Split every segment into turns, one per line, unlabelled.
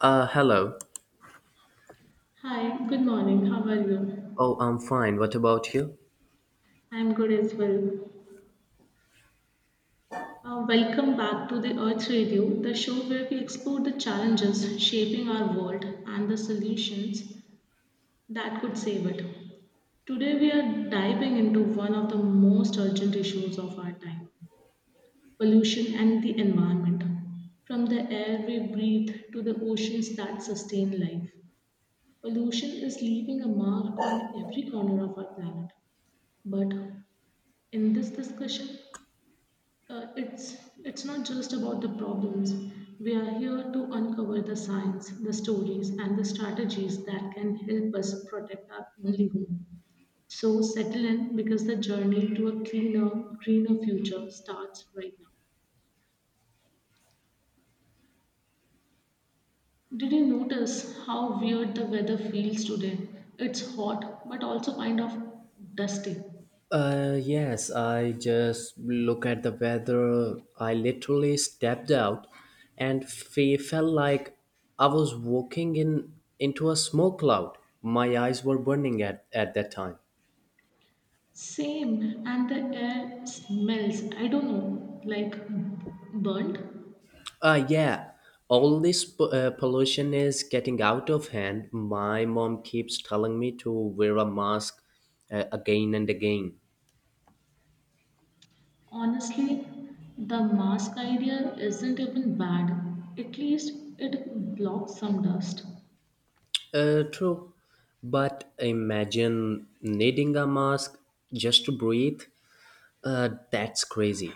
Hello.
Hi, good morning. How are you?
Oh, I'm fine. What about you?
I'm good as well. Welcome back to the Earth Radio, the show where we explore the challenges shaping our world and the solutions that could save it. Today, we are diving into one of the most urgent issues of our time, pollution and the environment. From the air we breathe to the oceans that sustain life, pollution is leaving a mark on every corner of our planet. But in this discussion, it's not just about the problems. We are here to uncover the science, the stories, and the strategies that can help us protect our only home. So settle in because the journey to a cleaner, greener future starts right now. Did you notice how weird the weather feels today? It's hot, but also kind of dusty.
Yes, I just look at the weather. I literally stepped out and felt like I was walking in into a smoke cloud. My eyes were burning at that time.
Same, and the air smells, I don't know, like burnt.
Yeah, all this pollution is getting out of hand. My mom keeps telling me to wear a mask again and again.
Honestly, the mask idea isn't even bad. At least it blocks some dust.
True, but imagine needing a mask just to breathe. That's crazy.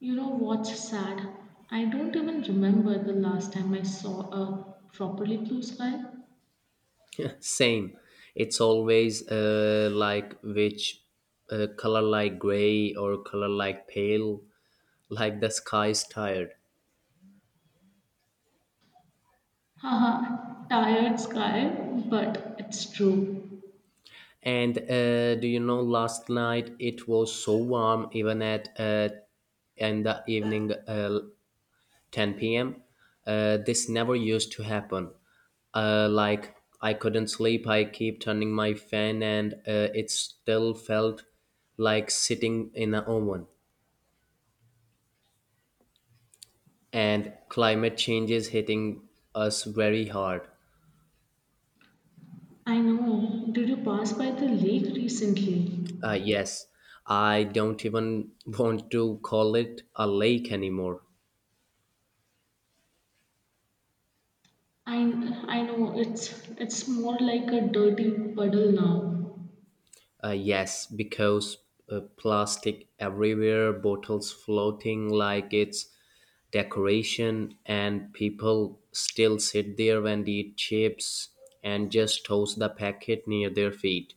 You know what's sad? I don't even remember the last time I saw a properly blue sky.
Same. It's always like which color like gray or color like pale, like the sky is tired.
Haha, tired sky, but it's true.
And do you know, last night it was so warm, even at in the evening 10 p.m. This never used to happen. Like I couldn't sleep. I keep turning my fan, and it still felt like sitting in an oven. And climate change is hitting us very hard.
I know. Did you pass by the lake recently?
Yes, I don't even want to call it a lake anymore.
I I know it's more like a dirty puddle now.
Yes, because plastic everywhere, bottles floating like it's decoration, and people still sit there and eat chips and just toss the packet near their feet.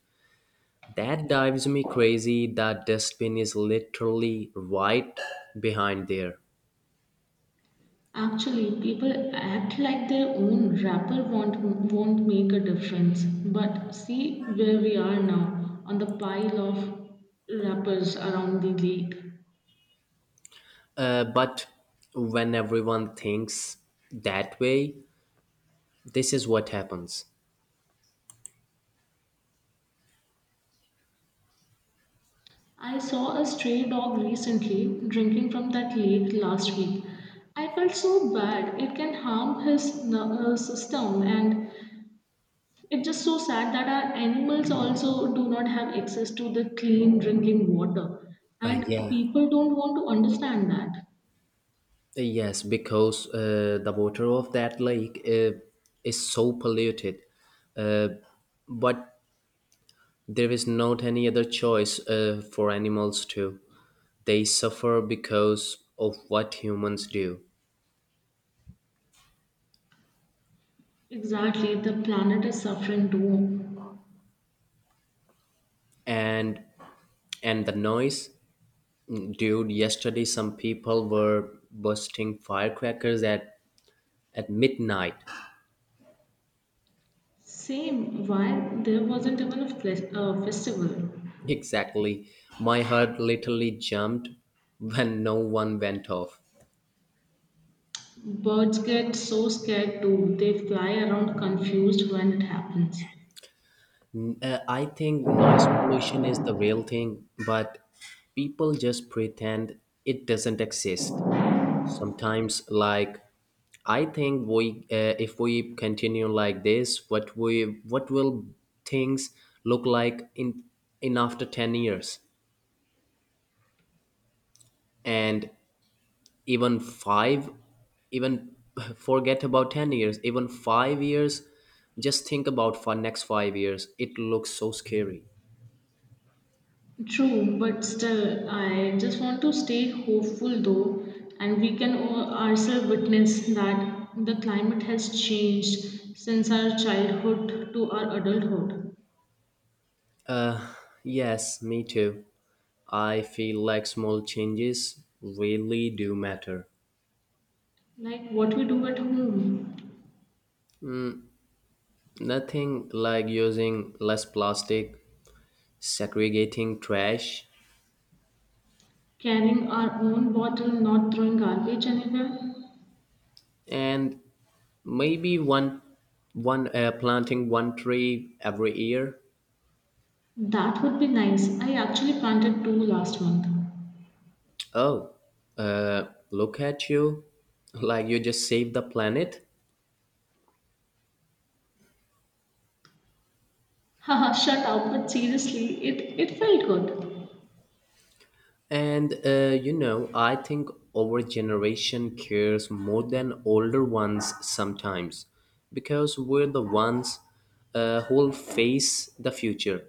That drives me crazy. The dustbin is literally right behind there.
Actually, people act like their own rapper won't make a difference. But see where we are now on the pile of rappers around the lake.
But when everyone thinks that way, this is what happens.
I saw a stray dog recently drinking from that lake last week. I felt so bad. It can harm his nervous system, and it's just so sad that our animals also do not have access to the clean drinking water.
Uh,
And
yeah.
people don't want to understand that.
Yes, because the water of that lake is so polluted, but there is not any other choice for animals to. They suffer because of what humans do,
Exactly, the planet is suffering too.
and and the noise, dude. Yesterday, some people were bursting firecrackers at midnight.
Same, why there wasn't even a festival?
Exactly, my heart literally jumped when no one went off.
Birds get so scared too, they fly around confused when it happens.
I think noise pollution is the real thing, but people just pretend it doesn't exist. Sometimes, like, I think if we continue like this, what we, what will things look like in after 10 years, and even five, even forget about 10 years, even 5 years. Just think about for next 5 years. It looks so scary.
True, but still, I just want to stay hopeful though, and we can ourselves witness that the climate has changed since our childhood to our adulthood.
Yes, me too. I feel like small changes really do matter.
Like what we do at home,
Nothing like using less plastic, segregating trash,
carrying our own bottle, not throwing garbage anywhere.
and maybe one one planting one tree every year.
That would be nice. I actually planted two last month.
Oh, uh, look at you! Like you just saved the planet.
Haha, shut up, but seriously, it felt good.
And you know, I think our generation cares more than older ones sometimes because we're the ones who'll face the future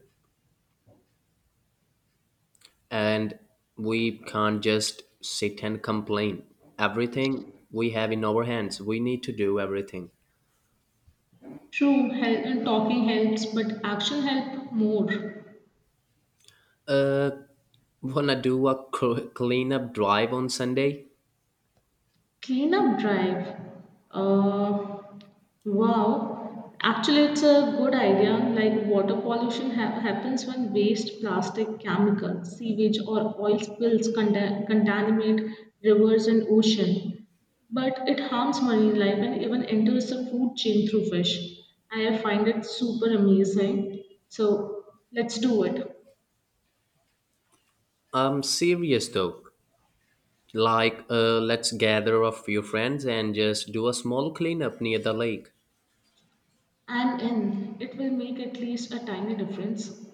and we can't just sit and complain. Everything we have in our hands, we need to do everything.
True, talking helps, but action helps more.
Uh, Wanna do a cleanup drive on Sunday?
Cleanup drive. Uh, wow. Actually, it's a good idea. Like water pollution happens when waste, plastic, chemicals, sewage, or oil spills contaminate rivers and ocean. But it harms marine life and even enters the food chain through fish. I find it super amazing. So let's do it.
I'm serious though. Like, let's gather a few friends and just do a small cleanup near the lake.
I'm in. It will make at least a tiny difference.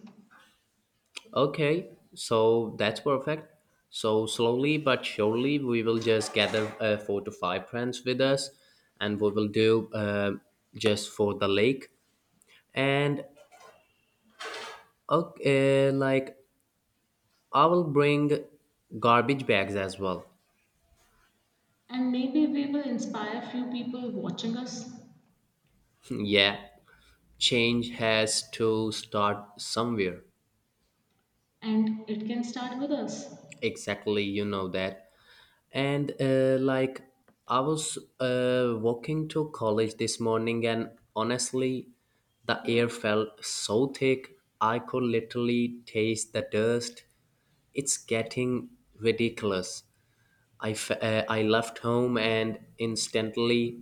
Okay, so that's perfect. So slowly but surely, we will just gather four to five friends with us, and we will do just for the lake. And okay, like I will bring garbage bags as well.
And maybe we will inspire few people watching us,
yeah, change has to start somewhere.
and it can start with us.
Exactly, you know that. And like, I was walking to college this morning, and honestly, the air felt so thick. I could literally taste the dust. It's getting ridiculous. I left home and instantly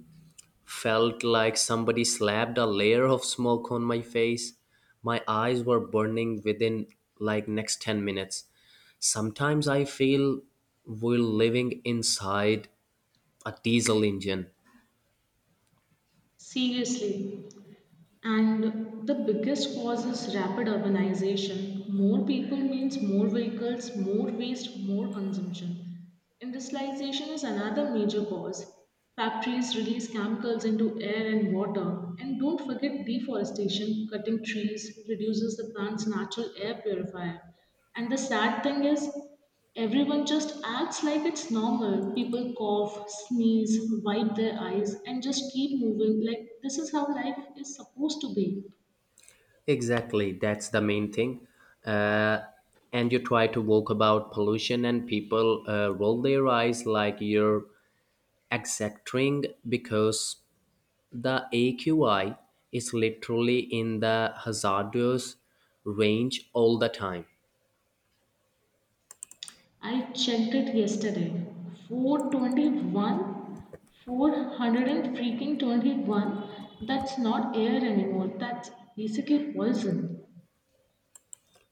felt like somebody slapped a layer of smoke on my face. My eyes were burning within like next 10 minutes. Sometimes I feel we're living inside a diesel engine.
Seriously. And the biggest cause is rapid urbanization. More people means more vehicles, more waste, more consumption. Industrialization is another major cause. Factories release chemicals into air and water. And don't forget deforestation, cutting trees reduces the plant's natural air purifier. And the sad thing is, everyone just acts like it's normal. People cough, sneeze, wipe their eyes, and just keep moving like this is how life is supposed to be.
Exactly, that's the main thing. Uh, and you try to walk about pollution, and people roll their eyes like you're exacting because the AQI is literally in the hazardous range all the time.
I checked it yesterday. 421, 400 and freaking 21. That's not air anymore. That's basically poison.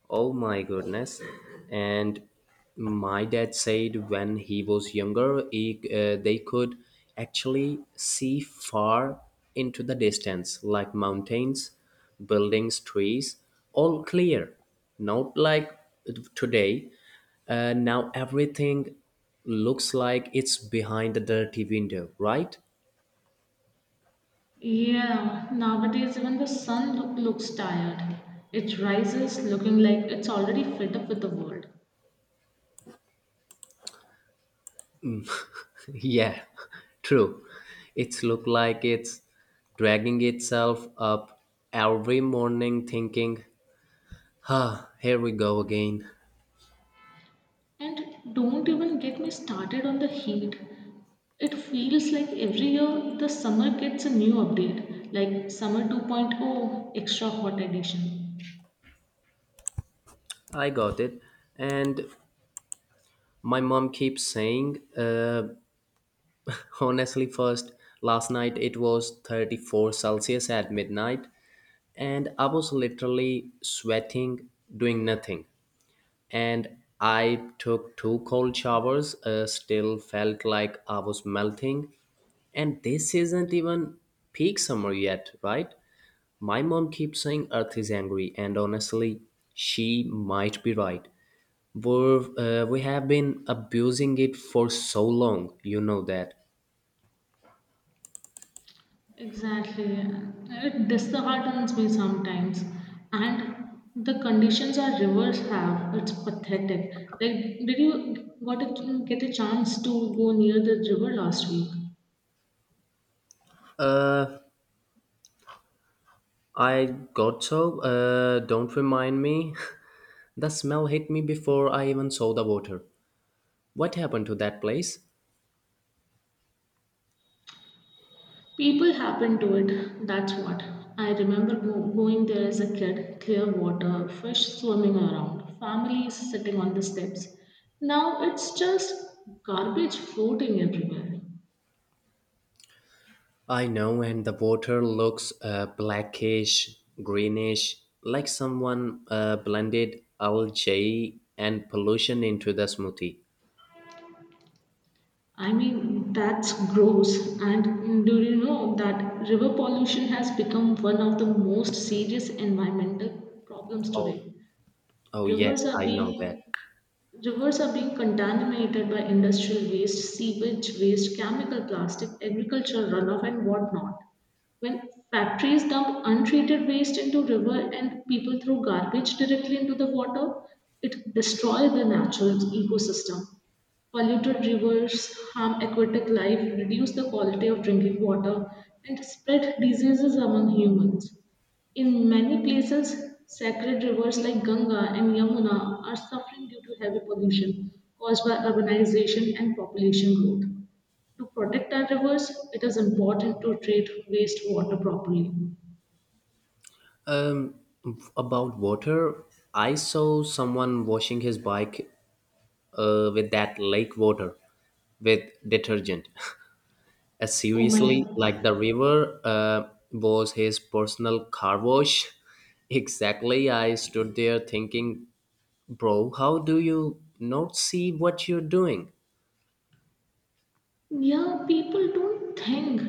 Oh my goodness. And my dad said when he was younger, they could actually see far into the distance, like mountains, buildings, trees, all clear. Not like today. Now everything looks like it's behind the dirty window, right?
Yeah, nowadays even the sun looks tired. It rises looking like it's already fed up with the world.
Yeah, true. It's look like it's dragging itself up every morning thinking, ah, here we go again.
And don't even get me started on the heat. It feels like every year the summer gets a new update, like Summer 2.0 Extra Hot Edition.
I got it. And my mom keeps saying, honestly, first, last night it was 34 Celsius at midnight, and I was literally sweating, doing nothing. And I took two cold showers, still felt like I was melting. And this isn't even peak summer yet, right? My mom keeps saying Earth is angry, and honestly, she might be right. We're, we have been abusing it for so long, you know that.
Exactly. It disheartens me sometimes. And the conditions our rivers have, it's pathetic. Like, did you get a chance to go near the river last week?
Don't remind me. The smell hit me before I even saw the water. What happened to that place?
People happen to it, that's what. I remember going there as a kid, clear water, fish swimming around, families sitting on the steps. Now it's just garbage floating everywhere.
I know, and the water looks blackish, greenish, like someone blended algae and pollution into the smoothie.
I mean, that's gross. And do you know that river pollution has become one of the most serious environmental problems
Oh,
today?
oh yes,
Rivers are
I know that.
being Rivers are being contaminated by industrial waste, sewage waste, chemical plastic, agricultural runoff, and whatnot. When factories dump untreated waste into river and people throw garbage directly into the water, it destroys the natural ecosystem. Polluted rivers harm aquatic life, reduce the quality of drinking water, and spread diseases among humans. In many places, sacred rivers like Ganga and Yamuna are suffering due to heavy pollution caused by urbanization and population growth. To protect our rivers, it is important to treat wastewater properly.
Um, about water, I saw someone washing his bike with that lake water with detergent.
Oh my.
Seriously, like the river was his personal car wash. Exactly, I stood there thinking, bro, how do you not see what you're doing?
Yeah, people don't think.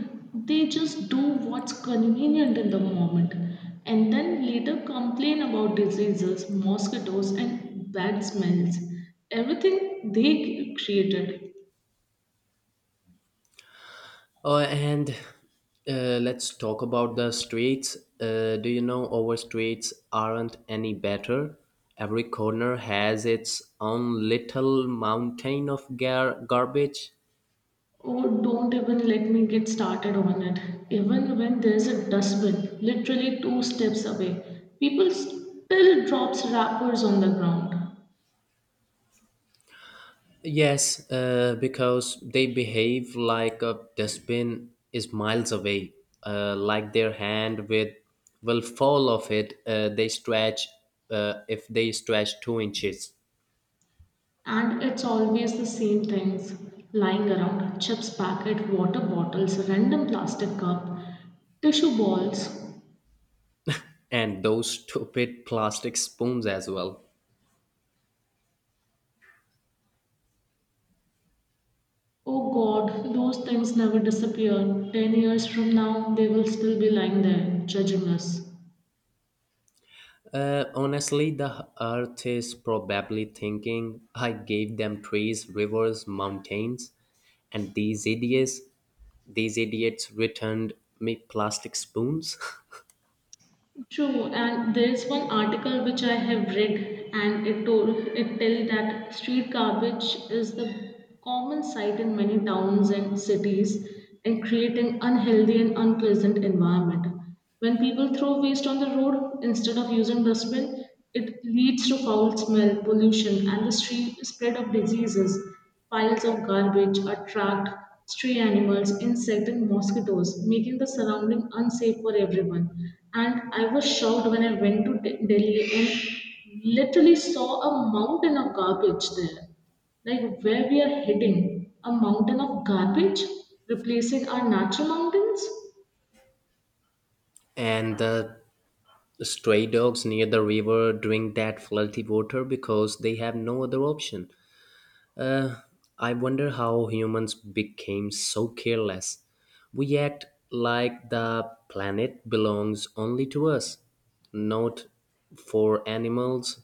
They just do what's convenient in the moment and then later complain about diseases, mosquitoes, and bad smells. Everything they created.
Oh, and let's talk about the streets. Do you know our streets aren't any better? Every corner has its own little mountain of garbage.
Oh, don't even let me get started on it. Even when there's a dustbin, literally two steps away, people still drops wrappers on the ground.
Yes, because they behave like a dustbin is miles away, like their hand with will fall off it. They stretch If they stretch 2 inches.
And it's always the same things lying around chips packet, water bottles, random plastic cup, tissue balls.
And those stupid plastic spoons as well.
Oh god, those things never disappear. 10 years from now, they will still be lying there, judging us.
Honestly, the earth is probably thinking I gave them trees, rivers, mountains, and these idiots returned me plastic spoons.
True, and there's one article which I have read, and it told it tell that street garbage is the common sight in many towns and cities, and creating unhealthy and unpleasant environment. When people throw waste on the road instead of using dustbin, it leads to foul smell, pollution, and the street spread of diseases. Piles of garbage attract stray animals, insects, and mosquitoes, making the surrounding unsafe for everyone. And I was shocked when I went to Delhi and literally saw a mountain of garbage there. Like where we are heading, a mountain of garbage replacing our natural mountains?
And the stray dogs near the river drink that filthy water because they have no other option. Uh, I wonder how humans became so careless. We act like the planet belongs only to us, not for animals,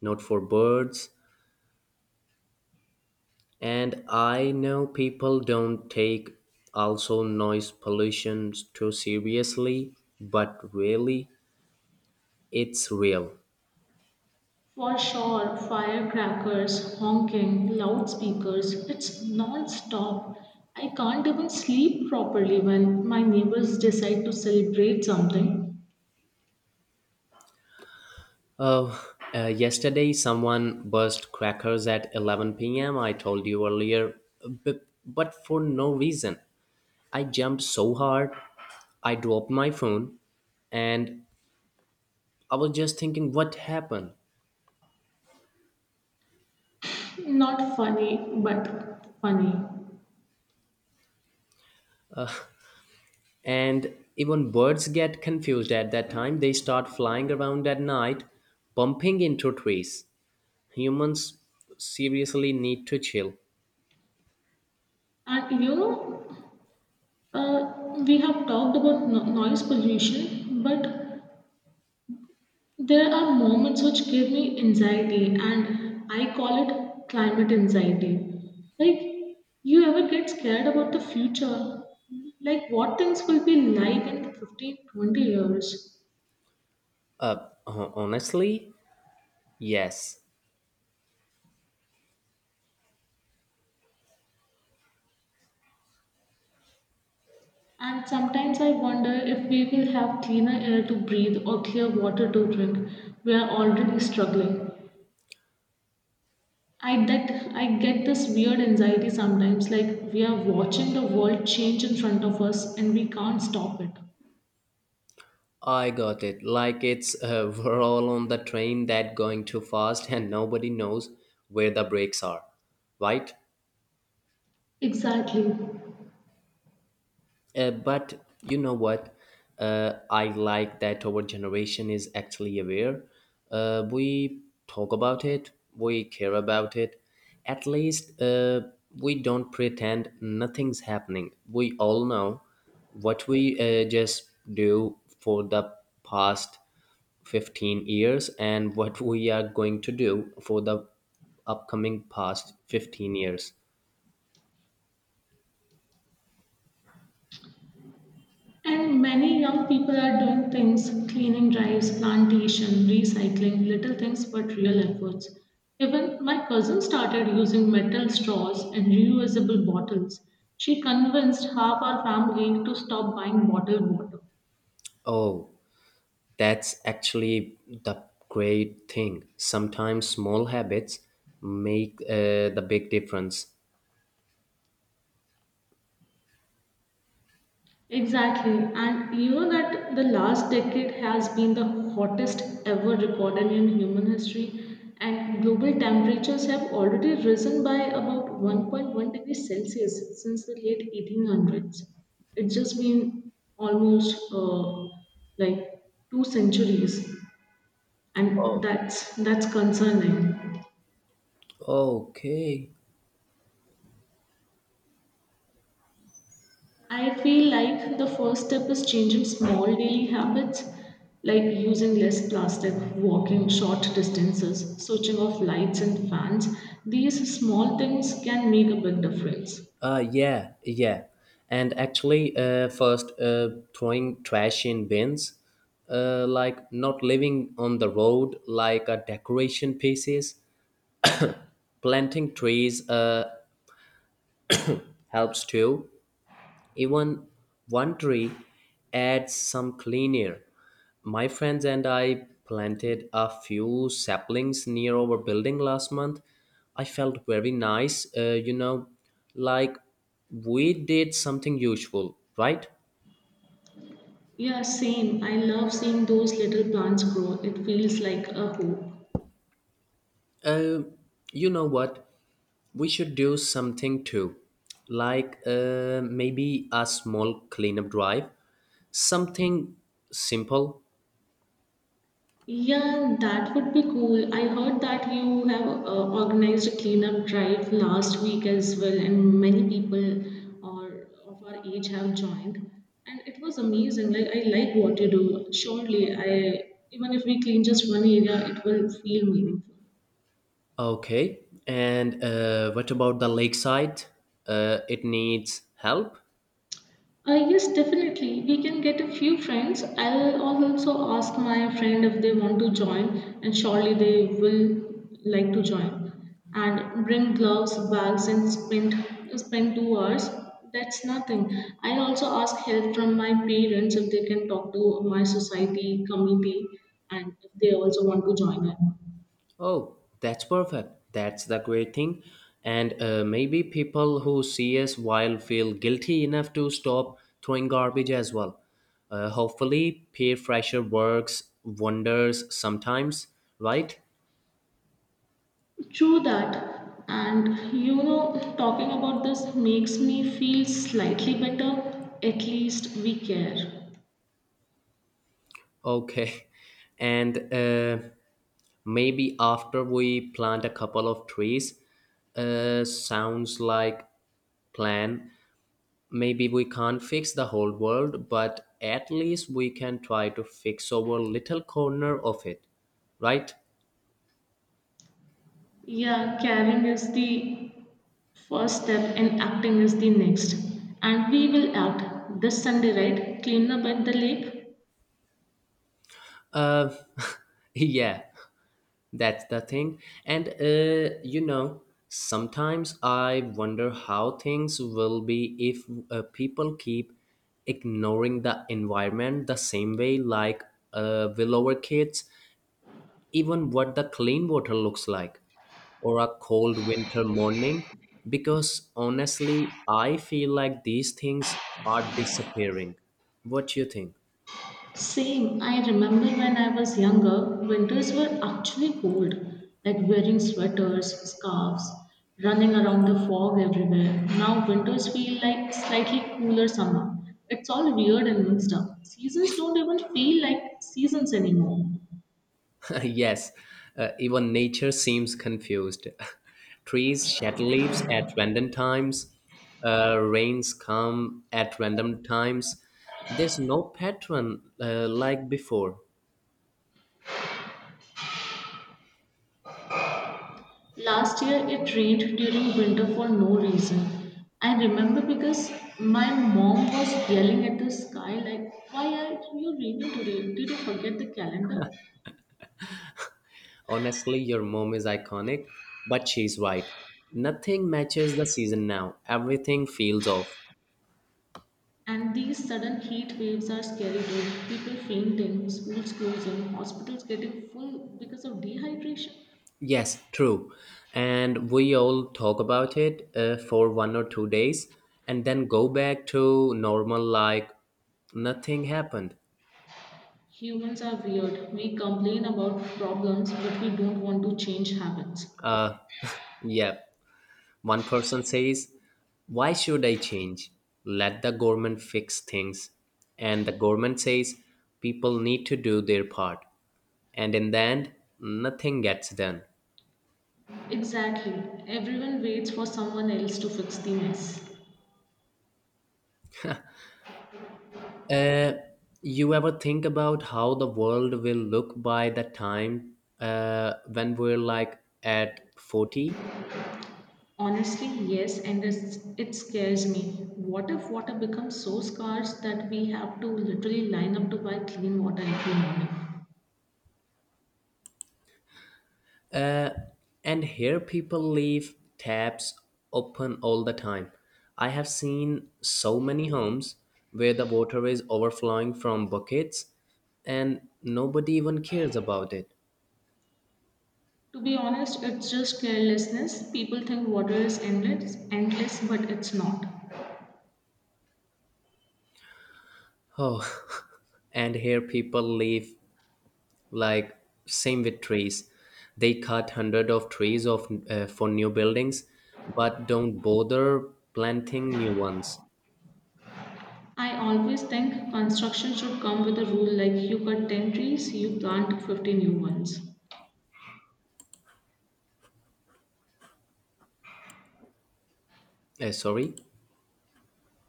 not for birds. And I know people don't take also noise pollution too seriously, but really, it's real.
For sure, firecrackers, honking, loudspeakers, it's non stop. I can't even sleep properly when my neighbors decide to celebrate something.
Oh, yesterday someone burst crackers at 11 p.m. I told you earlier, but for no reason. I jumped so hard, I dropped my phone, and I was just thinking, what happened?
Not funny, but funny.
And even birds get confused at that time. They start flying around at night, bumping into trees. Humans seriously need to chill.
And you know, we have talked about noise pollution, but there are moments which give me anxiety, and I call it climate anxiety. Like, you ever get scared about the future? Like, what things will be like in 15, 20 years?
Honestly, yes.
And sometimes I wonder if we will have cleaner air to breathe or clear water to drink. We are already struggling. I get this weird anxiety sometimes, like we are watching the world change in front of us and we can't stop it.
I got it. Like it's we're all on the train that going too fast and nobody knows where the brakes are, right?
Exactly.
But you know what? I like that our generation is actually aware. We talk about it, we care about it. At least we don't pretend nothing's happening. We all know what we just do for the past 15 years and what we are going to do for the upcoming past 15 years.
And many young people are doing things cleaning drives, plantation, recycling, little things but real efforts. Even my cousin started using metal straws and reusable bottles. She convinced half our family to stop buying bottled water.
Oh, that's actually the great thing. Sometimes small habits make the big difference.
Exactly, and you know that the last decade has been the hottest ever recorded in human history, and global temperatures have already risen by about 1.1 degrees Celsius since the late 1800s. It's just been almost like two centuries, and that's concerning.
Oh, okay.
I feel like the first step is changing small daily habits like using less plastic, walking short distances, switching off lights and fans. These small things can make a big difference.
Yeah, yeah. And actually, first, throwing trash in bins, like not living on the road like a decoration pieces, planting trees helps too. Even one tree adds some clean air. My friends and I planted a few saplings near our building last month. I felt very nice, you know, like we did something useful, right?
Yeah, same. I love seeing those little plants grow. It feels like a hope.
Uh, you know what? We should do something too, like maybe a small cleanup drive, something simple.
Yeah, that would be cool. I heard that you have organized a cleanup drive last week as well, and many people or of our age have joined. And it was amazing. Like I like what you do. Surely, I, even if we clean just one area, it will feel meaningful.
Okay, and what about the lakeside? It needs help.
Yes, definitely. We can get a few friends. I'll also ask my friend if they want to join, and surely they will like to join. And bring gloves, bags, and spend 2 hours. That's nothing. I'll also ask help from my parents if they can talk to my society committee, and if they also want to join in.
Oh, that's perfect. That's the great thing. And maybe people who see us while feel guilty enough to stop throwing garbage as well. Hopefully, peer pressure works wonders sometimes, right?
True that. And you know, talking about this makes me feel slightly better. At least we care.
Okay, and maybe after we plant a couple of trees, sounds like plan. Maybe we can't fix the whole world, but at least we can try to fix our little corner of it, right?
Yeah, caring is the first step and acting is the next. And we will act this Sunday, right? Clean up at the lake.
Uh, yeah, that's the thing. And, you know, sometimes I wonder how things will be if people keep ignoring the environment the same way, like will our kids even what the clean water looks like, or a cold winter morning, because honestly, I feel like these things are disappearing. What you think?
Same, I remember when I was younger, winters were actually cold, like wearing sweaters, scarves, running around the fog everywhere. Now winters feel like slightly cooler summer. It's all weird and mixed up. Seasons don't even feel like seasons anymore.
Yes, even nature seems confused. Trees shed leaves at random times, rains come at random times. There's no pattern like before.
Last year it rained during winter for no reason. I remember because my mom was yelling at the sky like, why are you raining today? Did you forget the calendar?
Honestly, your mom is iconic, but she's right. Nothing matches the season now. Everything feels off.
And these sudden heat waves are scary dude. People fainting, schools closing, hospitals getting full because of dehydration.
Yes, true. And we all talk about it for 1 or 2 days and then go back to normal like nothing happened.
Humans are weird. We complain about problems, but we don't want to change habits.
Uh, yeah. One person says, why should I change? Let the government fix things. And the government says, people need to do their part. And in the end, nothing gets done.
Exactly. Everyone waits for someone else to fix the mess.
Uh, you ever think about how the world will look by the time when we're like at 40?
Honestly, yes, and it scares me. What if water becomes so scarce that we have to literally line up to buy clean water every morning?
And here people leave taps open all the time. I have seen so many homes where the water is overflowing from buckets and nobody even cares about it.
To be honest, it's just carelessness. People think water is endless, endless, but it's not.
Oh, and here people leave like same with trees. They cut hundred of trees of for new buildings but don't bother planting new ones.
I always think construction should come with a rule like you cut 10 trees, you plant 50 new ones.
Sorry.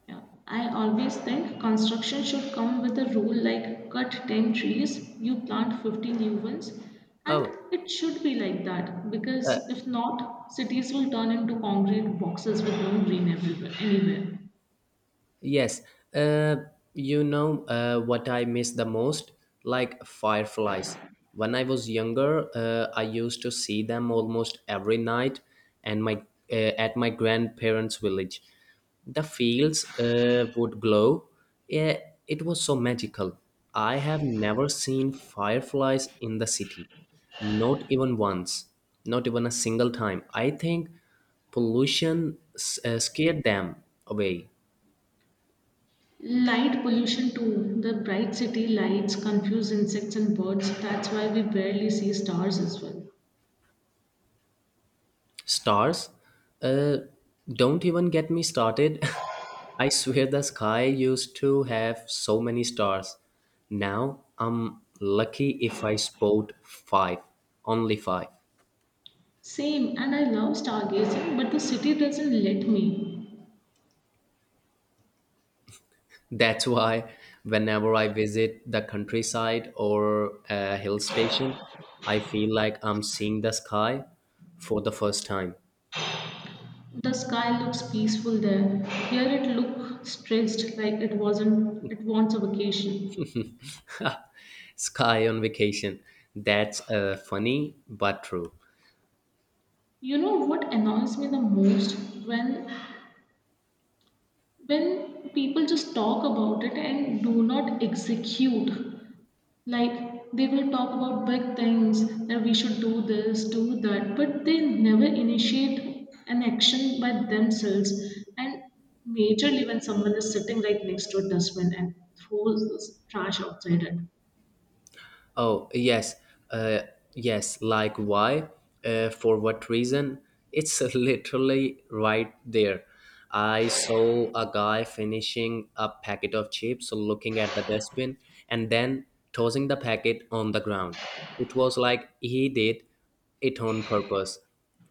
Yeah. I always think construction should come with a rule like cut 10 trees, you plant 50 new ones. And
Oh,
it should be like that
uh,
because if not, cities will turn into concrete boxes with no green everywhere, anywhere.
yes, uh, you know what I miss the most? Like fireflies. When I was younger, I used to see them almost every night, and my at my grandparents' village, the fields would glow. Yeah, it was so magical. I have never seen fireflies in the city, not even once, not even a single time. I think pollution scared them away.
Light pollution too. The bright city lights confuse insects and birds. That's why we barely see stars as well.
Stars? Uh, don't even get me started. I swear the sky used to have so many stars. Now I'm lucky if I spot five, only five.
Same, and I love stargazing, but the city doesn't let me.
That's why whenever I visit the countryside or a hill station, I feel like I'm seeing the sky for the first time.
The sky looks peaceful there. Here it looks stressed like it wasn't it wants a vacation.
Sky on vacation. That's funny but true.
You know what annoys me the most, when people just talk about it and do not execute. Like they will talk about big things that we should do this, do that, but they never initiate an action by themselves. And majorly when someone is sitting right next to a dustbin and throws this trash outside it.
Oh, yes. Uh, yes, like why? For what reason? It's literally right there. I saw a guy finishing a packet of chips, looking at the dustbin, and then tossing the packet on the ground. It was like he did it on purpose.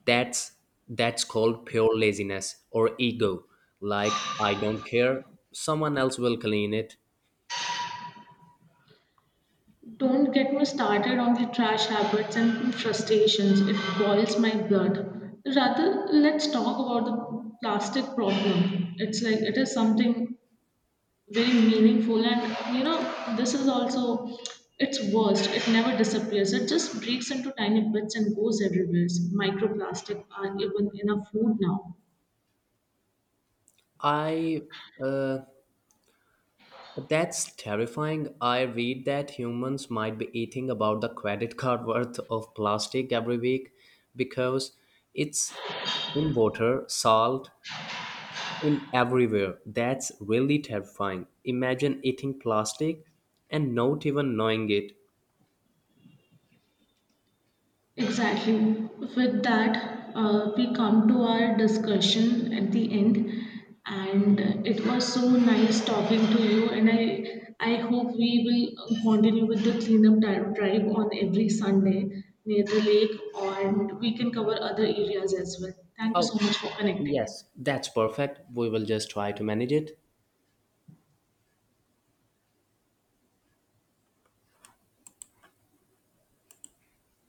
That's that's called pure laziness or ego. Like I don't care, someone else will clean it.
Don't get me started on the trash habits and frustrations. It boils my blood. Rather, let's talk about the plastic problem. It's like it is something very meaningful, and you know this is also its worst, it never disappears, it just breaks into tiny bits and goes everywhere, microplastic are even in our food now.
I uh, That's terrifying. I read that humans might be eating about the credit card worth of plastic every week because it's in water, salt, in everywhere. That's really terrifying. Imagine eating plastic and not even knowing it.
Exactly. With that, we come to our discussion at the end, and it was so nice talking to you. And I hope we will continue with the cleanup drive on every Sunday near the lake, and we can cover other areas as well. Thank you
Oh,
so much for connecting.
yes, that's perfect. We will just try to manage it.